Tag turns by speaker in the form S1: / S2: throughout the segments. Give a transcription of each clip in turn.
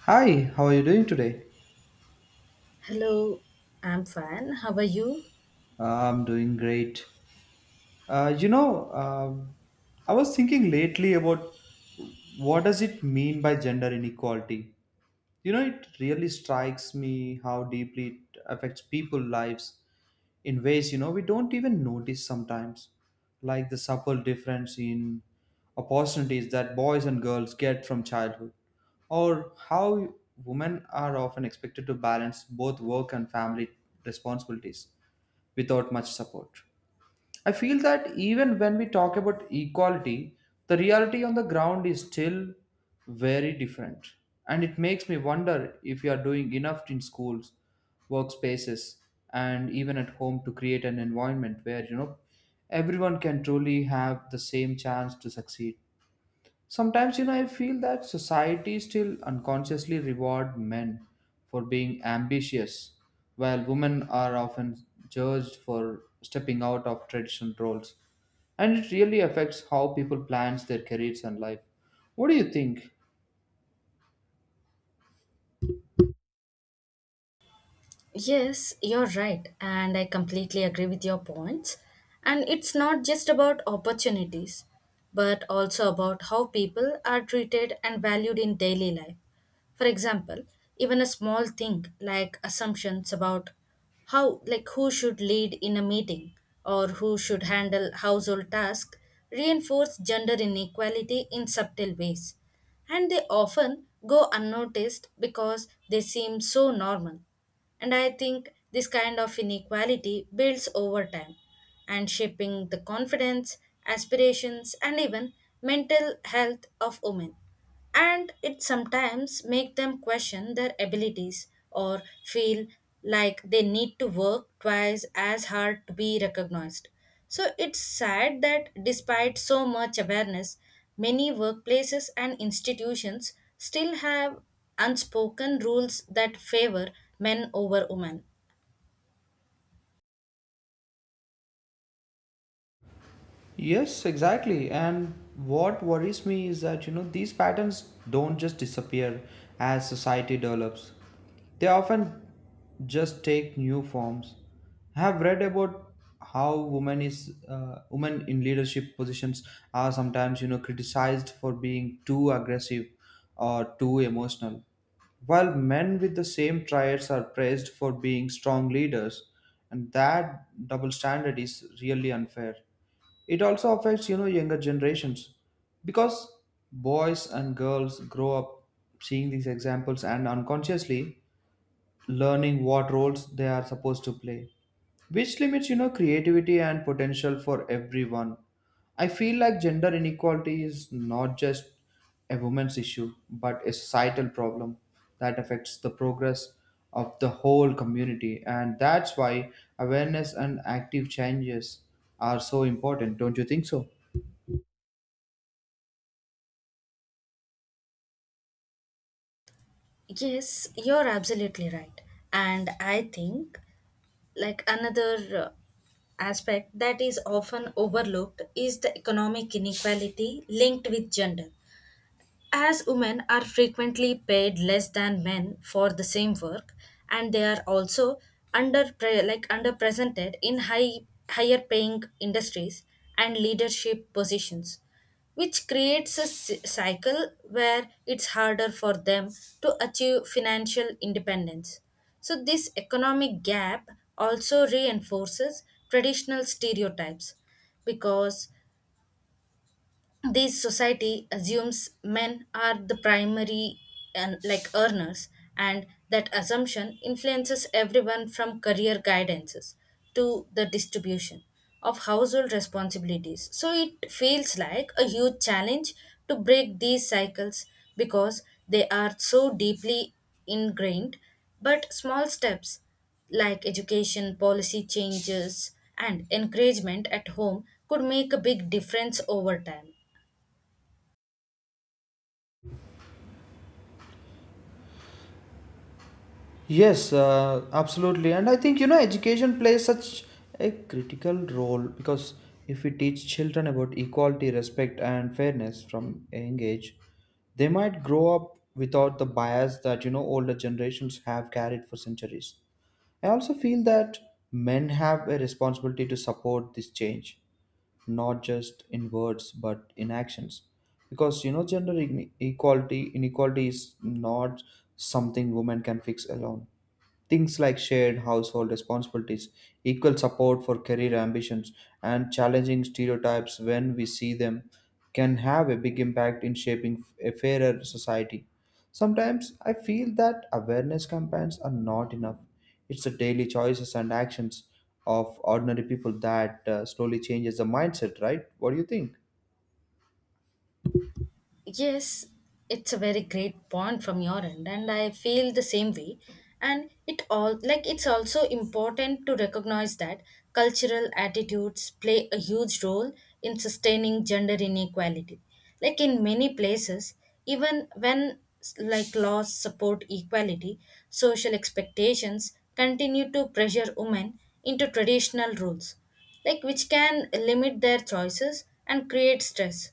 S1: Hi, how are you doing today?
S2: Hello, I'm fine. How are you?
S1: I'm doing great. Uh, you know, uh, I was thinking lately about what does it mean by gender inequality. You know, it really strikes me how deeply it affects people' lives in ways we don't even notice sometimes, like the subtle difference in opportunities that boys and girls get from childhood, or how women are often expected to balance both work and family responsibilities without much support. I feel that even when we talk about equality, the reality on the ground is still very different. And it makes me wonder if we are doing enough in schools, workspaces, and even at home to create an environment where, everyone can truly have the same chance to succeed. Sometimes, I feel that society still unconsciously reward men for being ambitious, while women are often judged for stepping out of traditional roles. And it really affects how people plans their careers and life. What do you think?
S2: Yes, you're right, and I completely agree with your points. And it's not just about opportunities, but also about how people are treated and valued in daily life. For example, even a small thing like assumptions about how, like, who should lead in a meeting or who should handle household tasks reinforce gender inequality in subtle ways. And they often go unnoticed because they seem so normal. And I think this kind of inequality builds over time and shaping the confidence, aspirations, and even mental health of women. And it sometimes make them question their abilities or feel like they need to work twice as hard to be recognized. So it's sad that despite so much awareness, many workplaces and institutions still have unspoken rules that favor men over women.
S1: Yes, exactly. And what worries me is that, these patterns don't just disappear as society develops. They often just take new forms. I have read about how women in leadership positions are sometimes, criticized for being too aggressive or too emotional, while men with the same traits are praised for being strong leaders. And that double standard is really unfair. It also affects younger generations because boys and girls grow up seeing these examples and unconsciously learning what roles they are supposed to play, which limits creativity and potential for everyone. I feel like gender inequality is not just a woman's issue but a societal problem that affects the progress of the whole community, and that's why awareness and active changes are so important, don't you think so?
S2: Yes, you're absolutely right. And I think, like, another aspect that is often overlooked is the economic inequality linked with gender. As women are frequently paid less than men for the same work, and they are also like underrepresented in higher paying industries and leadership positions, which creates a cycle where it's harder for them to achieve financial independence. So this economic gap also reinforces traditional stereotypes because this society assumes men are the primary and like earners, and that assumption influences everyone from career guidances to the distribution of household responsibilities. So it feels like a huge challenge to break these cycles because they are so deeply ingrained, but small steps like education, policy changes, and encouragement at home could make a big difference over time.
S1: Yes, absolutely. And I think, education plays such a critical role because if we teach children about equality, respect, and fairness from a young age, they might grow up without the bias that, older generations have carried for centuries. I also feel that men have a responsibility to support this change, not just in words but in actions, because equality inequality is not something women can fix alone. Things like shared household responsibilities, equal support for career ambitions, and challenging stereotypes when we see them can have a big impact in shaping a fairer society. Sometimes I feel that awareness campaigns are not enough. It's the daily choices and actions of ordinary people that slowly changes the mindset, right? What do you think?
S2: Yes, it's a very great point from your end, and I feel the same way. And it all like it's also important to recognize that cultural attitudes play a huge role in sustaining gender inequality. Like in many places, even when like laws support equality, social expectations continue to pressure women into traditional roles, like which can limit their choices and create stress.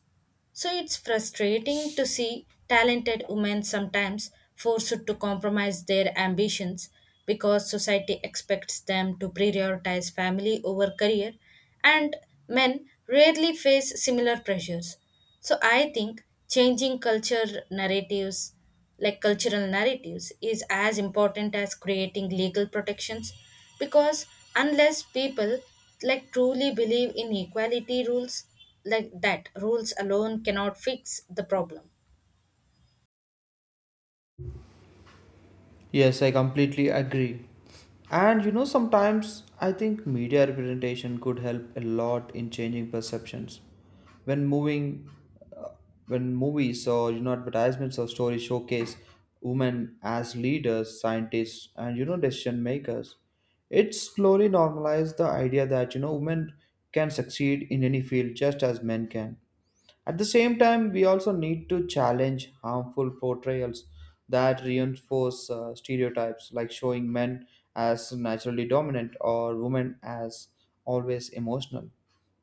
S2: So it's frustrating to see talented women sometimes forced to compromise their ambitions because society expects them to prioritize family over career, and men rarely face similar pressures. So I think changing culture narratives like cultural narratives is as important as creating legal protections, because unless people like truly believe in equality rules, like that rules alone cannot fix the problem.
S1: Yes, I completely agree. And you know, sometimes I think media representation could help a lot in changing perceptions. When moving, uh, when movies or advertisements or stories showcase women as leaders, scientists, and decision makers, it slowly normalized the idea that women can succeed in any field just as men can. At the same time, we also need to challenge harmful portrayals that reinforce stereotypes, like showing men as naturally dominant or women as always emotional.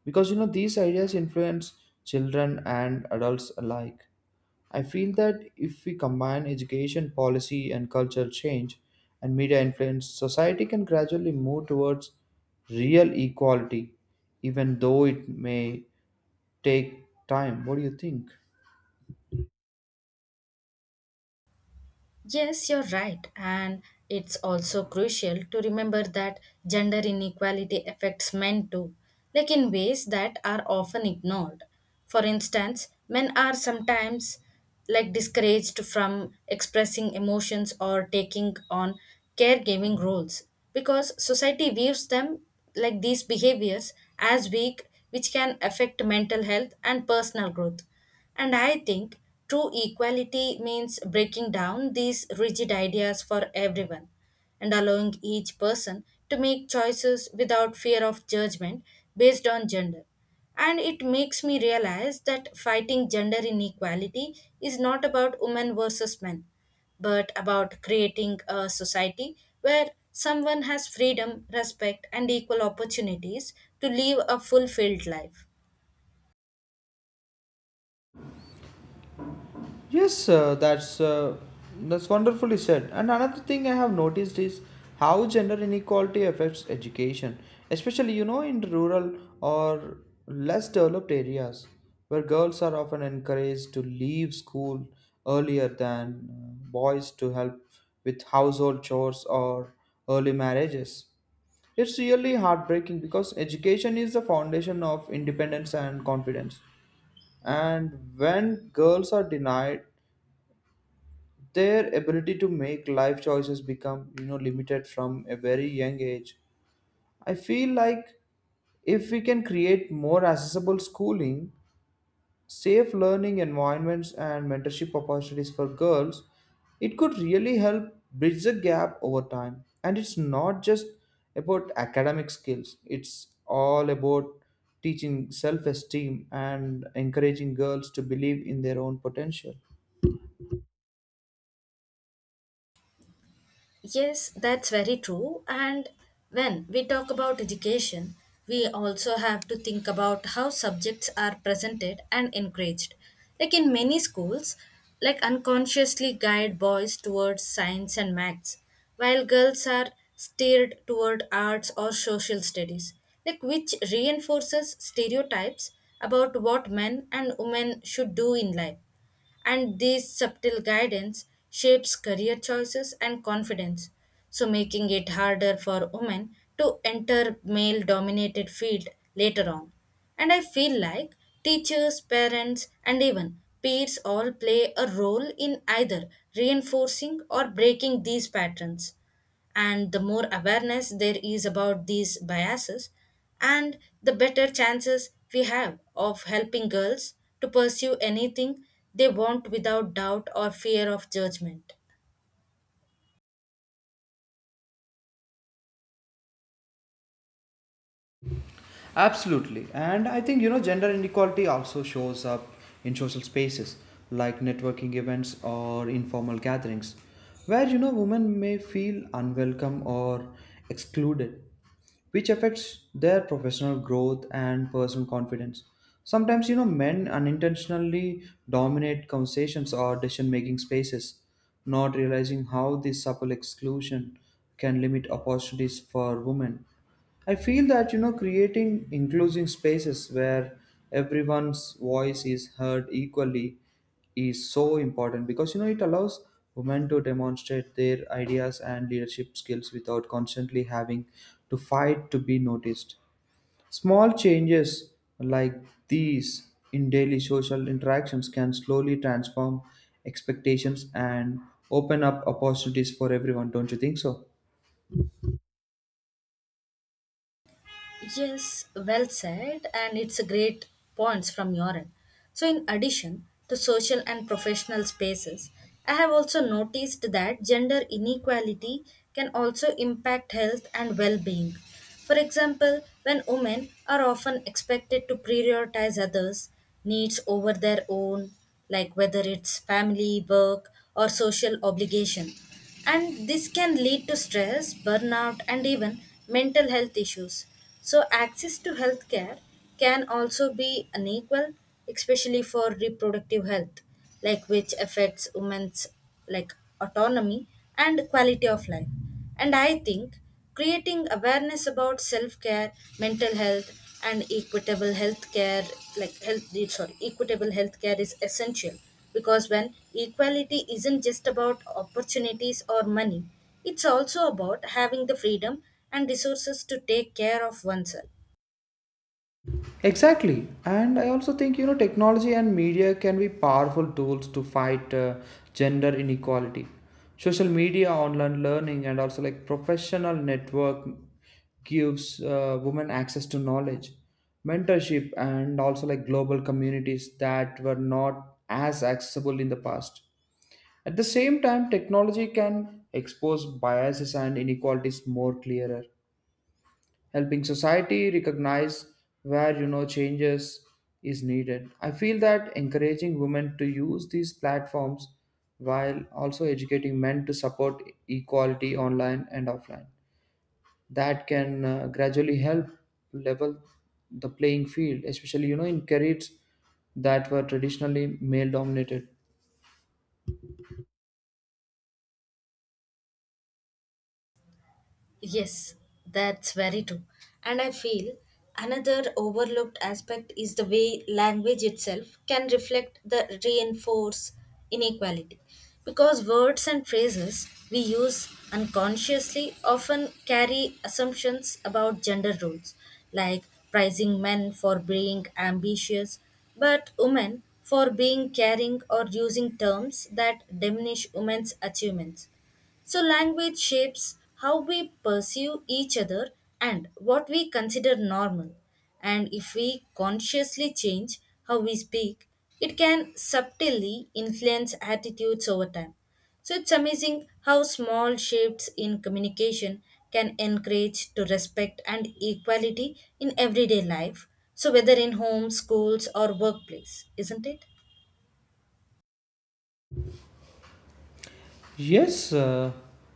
S1: Because these ideas influence children and adults alike. I feel that if we combine education, policy, and cultural change and media influence, society can gradually move towards real equality, even though it may take time. What do you think?
S2: Yes, you're right. And it's also crucial to remember that gender inequality affects men too, like in ways that are often ignored. For instance, men are sometimes like discouraged from expressing emotions or taking on caregiving roles because society views them like these behaviors as weak, which can affect mental health and personal growth. And I think true equality means breaking down these rigid ideas for everyone and allowing each person to make choices without fear of judgment based on gender. And it makes me realize that fighting gender inequality is not about women versus men, but about creating a society where someone has freedom, respect, and equal opportunities to live a fulfilled life.
S1: Yes, that's wonderfully said. And another thing I have noticed is how gender inequality affects education, especially in rural or less developed areas where girls are often encouraged to leave school earlier than boys to help with household chores or early marriages. It's really heartbreaking because education is the foundation of independence and confidence, and when girls are denied, their ability to make life choices become limited from a very young age. I feel like if we can create more accessible schooling, safe learning environments, and mentorship opportunities for girls, it could really help bridge the gap over time. And it's not just about academic skills, it's all about teaching self-esteem and encouraging girls to believe in their own potential.
S2: Yes, that's very true. And when we talk about education, we also have to think about how subjects are presented and encouraged. Like in many schools, like unconsciously guide boys towards science and maths, while girls are steered toward arts or social studies, like which reinforces stereotypes about what men and women should do in life. And this subtle guidance shapes career choices and confidence, so making it harder for women to enter male dominated field later on. And I feel like teachers, parents, and even peers all play a role in either reinforcing or breaking these patterns, and the more awareness there is about these biases, and the better chances we have of helping girls to pursue anything they want without doubt or fear of judgment.
S1: Absolutely. And I think, gender inequality also shows up in social spaces like networking events or informal gatherings where, women may feel unwelcome or excluded, which affects their professional growth and personal confidence. Sometimes, men unintentionally dominate conversations or decision making spaces, not realizing how this subtle exclusion can limit opportunities for women. I feel that creating inclusive spaces where everyone's voice is heard equally is so important, because it allows women to demonstrate their ideas and leadership skills without constantly having to fight to be noticed. Small changes like these in daily social interactions can slowly transform expectations and open up opportunities for everyone, don't you think so?
S2: Yes, well said, and it's a great points from your end. So, in addition to social and professional spaces, I have also noticed that gender inequality can also impact health and well-being. For example, when women are often expected to prioritize others' needs over their own, like whether it's family, work, or social obligation, and this can lead to stress, burnout, and even mental health issues. So, access to healthcare can also be unequal, especially for reproductive health, like which affects women's like autonomy and quality of life. And I think creating awareness about self-care, mental health, and equitable healthcare, like health, sorry, equitable healthcare is essential because when equality isn't just about opportunities or money, it's also about having the freedom and resources to take care of oneself.
S1: Exactly. And I also think, technology and media can be powerful tools to fight gender inequality. Social media, online learning, and also like professional network gives women access to knowledge, mentorship, and also like global communities that were not as accessible in the past. At the same time, technology can expose biases and inequalities more clearer, helping society recognize where changes is needed. I feel that encouraging women to use these platforms while also educating men to support equality online and offline, that can gradually help level the playing field, especially in careers that were traditionally male dominated.
S2: Yes, that's very true. And I feel another overlooked aspect is the way language itself can reflect the reinforce inequality. Because words and phrases we use unconsciously often carry assumptions about gender roles, like prizing men for being ambitious, but women for being caring, or using terms that diminish women's achievements. So, language shapes how we perceive each other and what we consider normal. And if we consciously change how we speak, it can subtly influence attitudes over time. So, it's amazing how small shifts in communication can encourage to respect and equality in everyday life. So, whether in home, schools, or workplace, isn't it?
S1: Yes,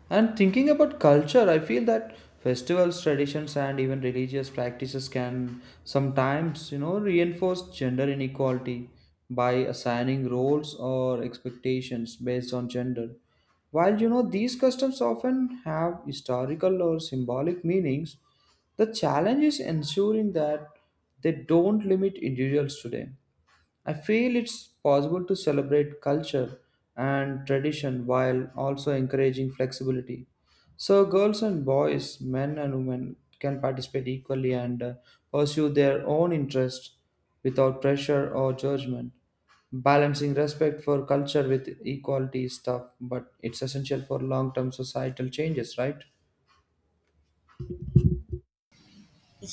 S1: and thinking about culture, I feel that festivals, traditions, and even religious practices can sometimes, reinforce gender inequality by assigning roles or expectations based on gender. While, these customs often have historical or symbolic meanings, the challenge is ensuring that they don't limit individuals today. I feel it's possible to celebrate culture and tradition while also encouraging flexibility. So, girls and boys, men and women can participate equally and pursue their own interests without pressure or judgment. Balancing respect for culture with equality is tough, but it's essential for long term societal changes, right?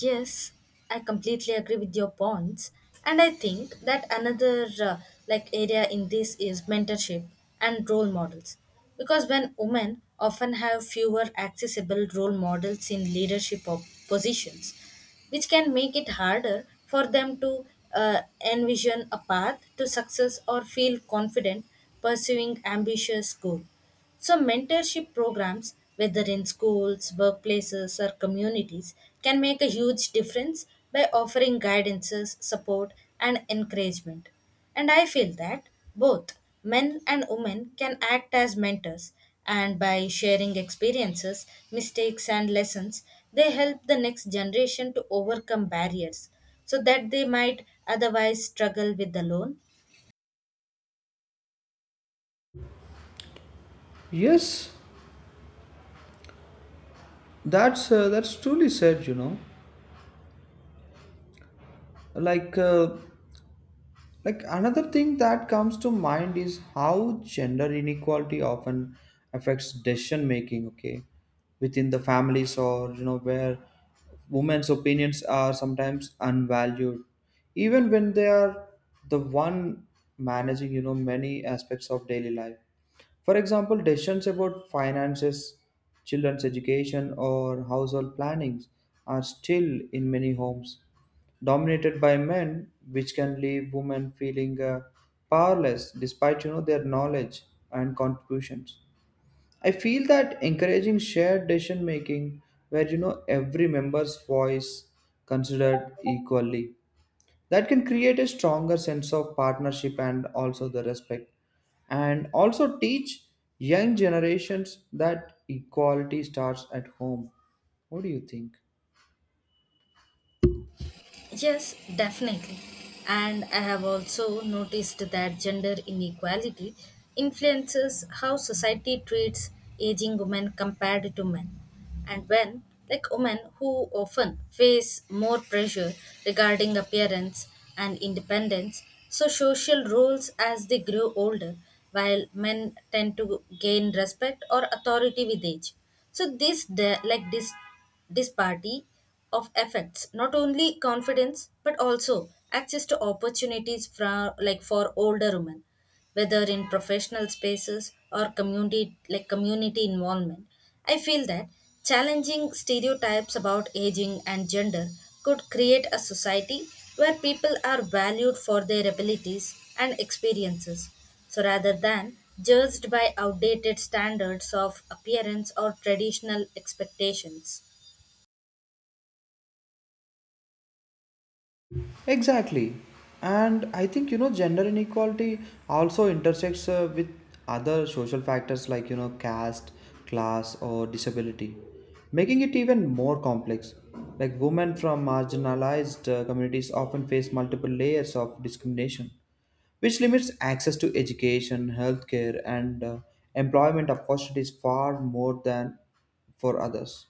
S2: Yes, I completely agree with your points, and I think that another like area in this is mentorship and role models, because when women often have fewer accessible role models in leadership of positions, which can make it harder for them to uh, envision a path to success or feel confident pursuing ambitious goals. So, mentorship programs, whether in schools, workplaces, or communities, can make a huge difference by offering guidances, support, and encouragement. And I feel that both men and women can act as mentors, and by sharing experiences, mistakes, and lessons, they help the next generation to overcome barriers so that they might otherwise struggle with alone.
S1: Yes, that's truly said. Like uh, Like another thing that comes to mind is how gender inequality often affects decision making, okay, within the families or where women's opinions are sometimes unvalued, even when they are the one managing many aspects of daily life. For example, decisions about finances, children's education, or household plannings are still in many homes dominated by men, which can leave women feeling powerless despite their knowledge and contributions. I feel that encouraging shared decision making, where every member's voice considered equally, that can create a stronger sense of partnership and also the respect, and also teach young generations that equality starts at home. What do you think?
S2: Yes, definitely. And I have also noticed that gender inequality influences how society treats aging women compared to men. And when, like women who often face more pressure regarding appearance and independence, so social roles as they grow older, while men tend to gain respect or authority with age. So like this party of effects not only confidence but also access to opportunities for like for older women, whether in professional spaces or community like community involvement. I feel that challenging stereotypes about aging and gender could create a society where people are valued for their abilities and experiences, so rather than judged by outdated standards of appearance or traditional expectations.
S1: Exactly. And I think, gender inequality also intersects with other social factors like, caste, class, or disability, making it even more complex. Like, women from marginalized communities often face multiple layers of discrimination, which limits access to education, healthcare, and employment opportunities far more than for others.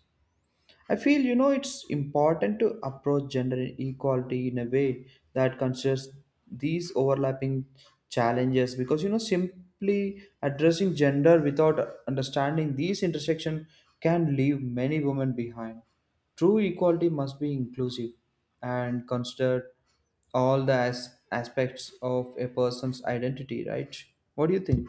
S1: I feel it's important to approach gender equality in a way that considers these overlapping challenges, because simply addressing gender without understanding these intersection can leave many women behind. True equality must be inclusive and consider all the aspects of a person's identity, right? What do you think?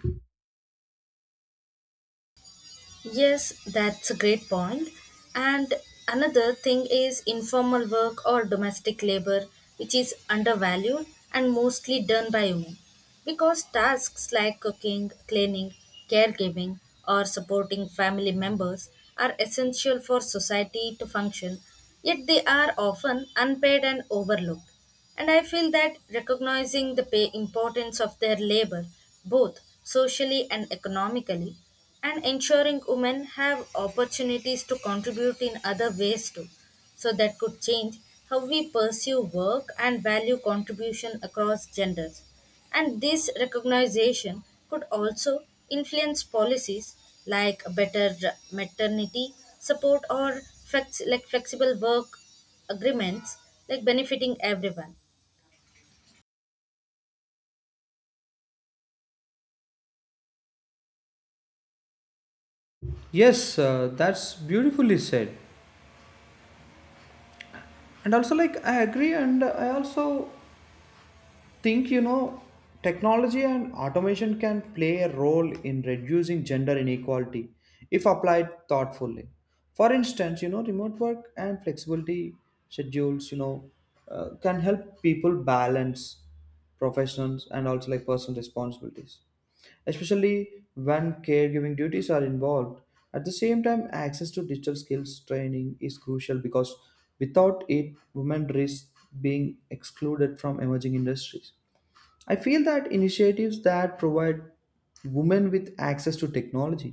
S2: Yes, that's a great point. And another thing is informal work or domestic labor, which is undervalued and mostly done by women. Because tasks like cooking, cleaning, caregiving, or supporting family members are essential for society to function, yet they are often unpaid and overlooked. And I feel that recognizing the pay importance of their labor, both socially and economically, and ensuring women have opportunities to contribute in other ways too. So that could change how we pursue work and value contribution across genders. And this recognition could also influence policies like better maternity support or like flexible work agreements like benefiting everyone.
S1: Yes, that's beautifully said. And also, like, I agree, and I also think technology and automation can play a role in reducing gender inequality if applied thoughtfully. For instance, remote work and flexibility schedules, can help people balance professionals and also like personal responsibilities, especially when caregiving duties are involved. At the same time, access to digital skills training is crucial, because without it, women risk being excluded from emerging industries. I feel that initiatives that provide women with access to technology,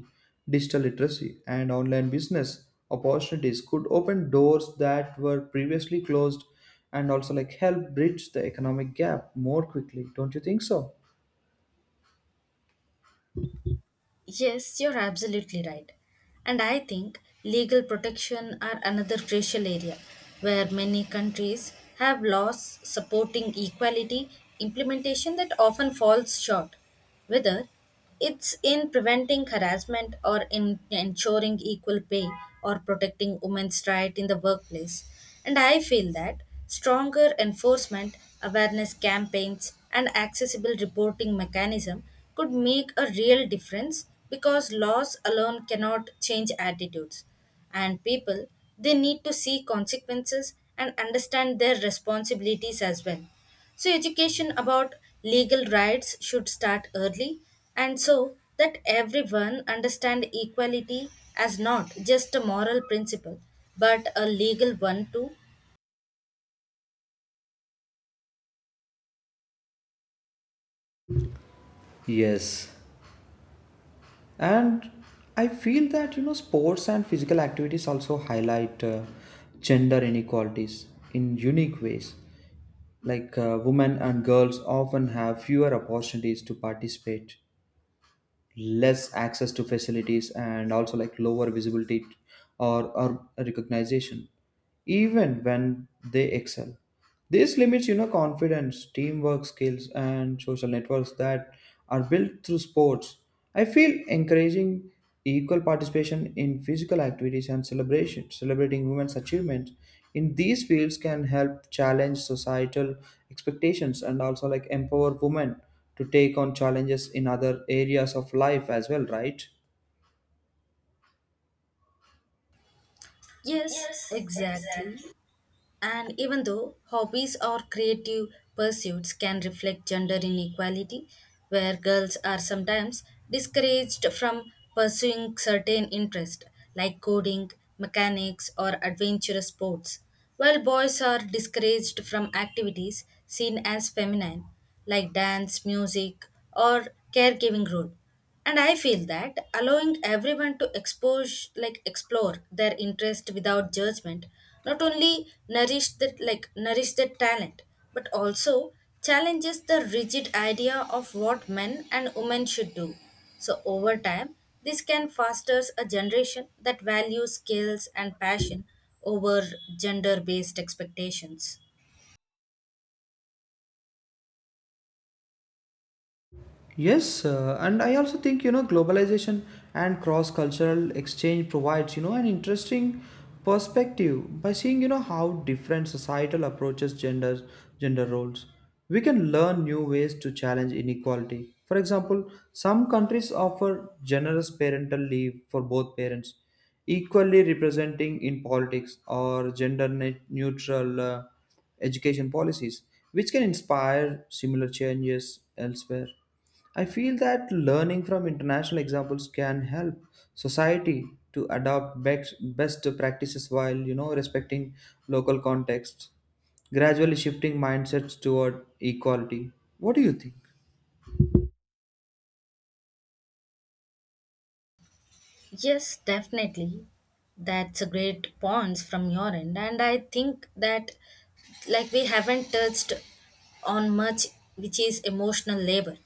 S1: digital literacy, and online business opportunities could open doors that were previously closed and also like help bridge the economic gap more quickly, don't you think so?
S2: Yes, you're absolutely right. And I think legal protection are another crucial area where many countries have laws supporting equality implementation that often falls short, whether it's in preventing harassment or in ensuring equal pay or protecting women's right in the workplace. And I feel that stronger enforcement, awareness campaigns, and accessible reporting mechanism could make a real difference because laws alone cannot change attitudes. And people, they need to see consequences and understand their responsibilities as well. So, education about legal rights should start early, and so that everyone understand equality as not just a moral principle but a legal one too.
S1: Yes, and I feel that sports and physical activities also highlight gender inequalities in unique ways. Like women and girls often have fewer opportunities to participate, less access to facilities, and also like lower visibility or recognition even when they excel. This limits, confidence, teamwork skills, and social networks that are built through sports. I feel encouraging equal participation in physical activities and celebrating women's achievements in these fields can help challenge societal expectations and also like empower women to take on challenges in other areas of life as well, right?
S2: Yes, exactly. And even though hobbies or creative pursuits can reflect gender inequality, where girls are sometimes discouraged from pursuing certain interests like coding, mechanics, or adventurous sports, while boys are discouraged from activities seen as feminine like dance, music, or caregiving role. And I feel that allowing everyone to expose like explore their interest without judgment not only nourish the like nourish their talent but also challenges the rigid idea of what men and women should do. So over time this can foster a generation that values skills and passion over gender based expectations.
S1: Yes, and I also think globalization and cross-cultural exchange provides an interesting perspective. By seeing how different societal approaches gender roles, we can learn new ways to challenge inequality. For example, some countries offer generous parental leave for both parents, equally representing in politics or neutral education policies, which can inspire similar changes elsewhere. I feel that learning from international examples can help society to adopt best practices while respecting local contexts, gradually shifting mindsets toward equality. What do you think?
S2: Yes, definitely. That's a great points from your end, and I think that like we haven't touched on much, which is emotional labor,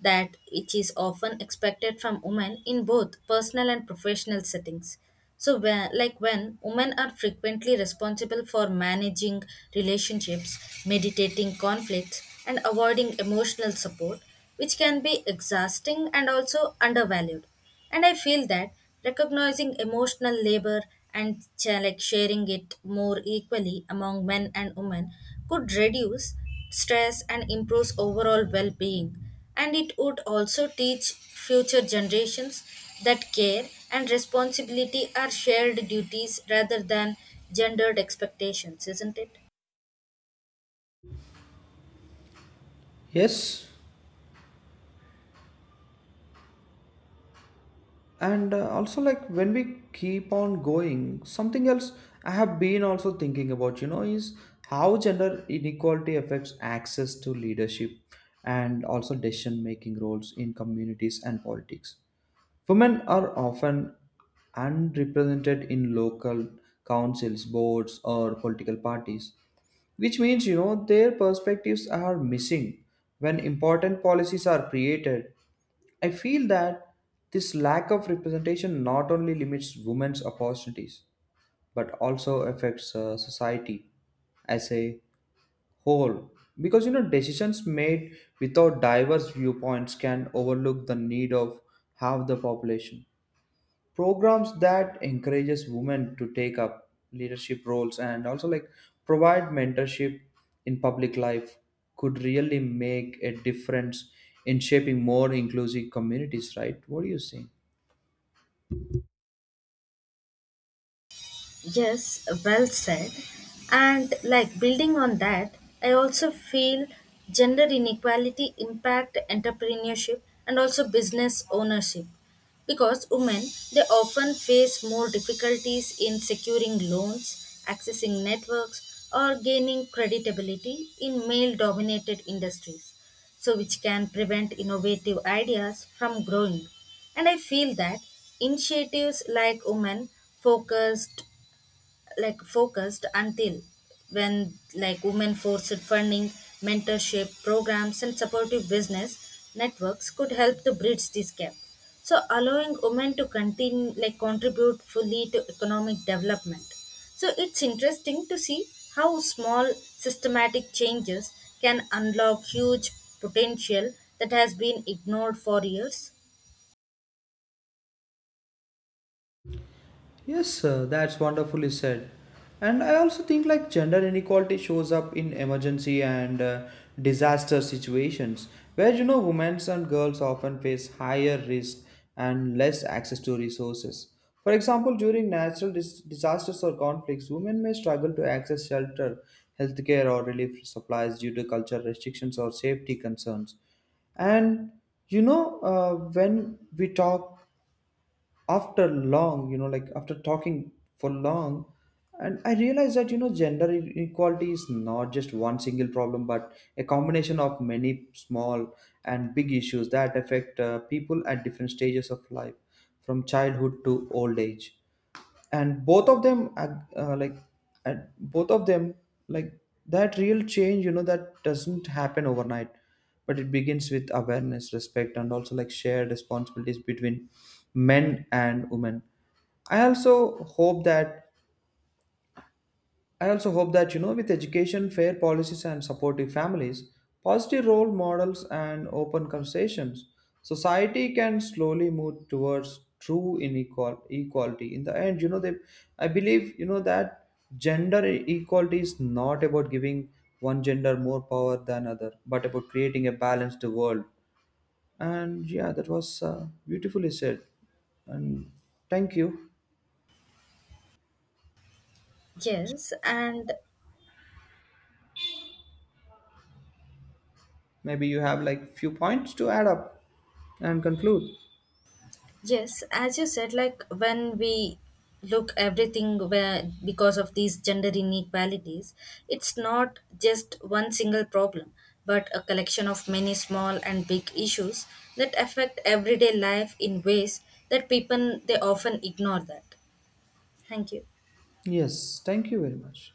S2: that it is often expected from women in both personal and professional settings. So, when, like when women are frequently responsible for managing relationships, meditating conflicts, and avoiding emotional support, which can be exhausting and also undervalued. And I feel that recognizing emotional labor like sharing it more equally among men and women could reduce stress and improve overall well-being. And it would also teach future generations that care and responsibility are shared duties rather than gendered expectations, isn't it?
S1: Yes, and also like when we keep on going something else, I have been also thinking about is how gender inequality affects access to leadership and also decision making roles in communities and politics. Women are often unrepresented in local councils, boards, or political parties, which means their perspectives are missing when important policies are created. I feel that this lack of representation not only limits women's opportunities but also affects society as a whole, because decisions made without diverse viewpoints can overlook the need of half the population. Programs that encourages women to take up leadership roles and also like provide mentorship in public life could really make a difference in shaping more inclusive communities, right? What do you think?
S2: Yes, well said. And like building on that, I also feel gender inequality impact entrepreneurship and also business ownership because women they often face more difficulties in securing loans, accessing networks or gaining creditability in male dominated industries, so which can prevent innovative ideas from growing. And I feel that initiatives like Women Focused like focused until when like women forced funding, mentorship programs, and supportive business networks could help to bridge this gap. So allowing women to continue like contribute fully to economic development. So it's interesting to see how small systematic changes can unlock huge potential that has been ignored for years.
S1: Yes, sir, that's wonderfully said. And I also think like gender inequality shows up in emergency and disaster situations where women and girls often face higher risk and less access to resources. For example, during natural disasters or conflicts, women may struggle to access shelter, healthcare, or relief supplies due to cultural restrictions or safety concerns. And when we talk after long, like after talking for long, and I realized that inequality is not just one single problem but a combination of many small and big issues that affect people at different stages of life from childhood to old age. And both of them are, at both of them, like, that real change, that doesn't happen overnight, but it begins with awareness, respect, and also like shared responsibilities between men and women. i also hope that I also hope that, with education, fair policies, and supportive families, positive role models, and open conversations, society can slowly move towards true equality. In the end, I believe, that equality is not about giving one gender more power than other, but about creating a balanced world. And yeah, that was beautifully said. And thank you.
S2: Yes, and
S1: Maybe you have like few points to add up and conclude.
S2: Yes, as you said, like when we look everything where because of these gender inequalities, it's not just one single problem, but a collection of many small and big issues that affect everyday life in ways that people they often ignore that. Thank you.
S1: Yes, thank you very much.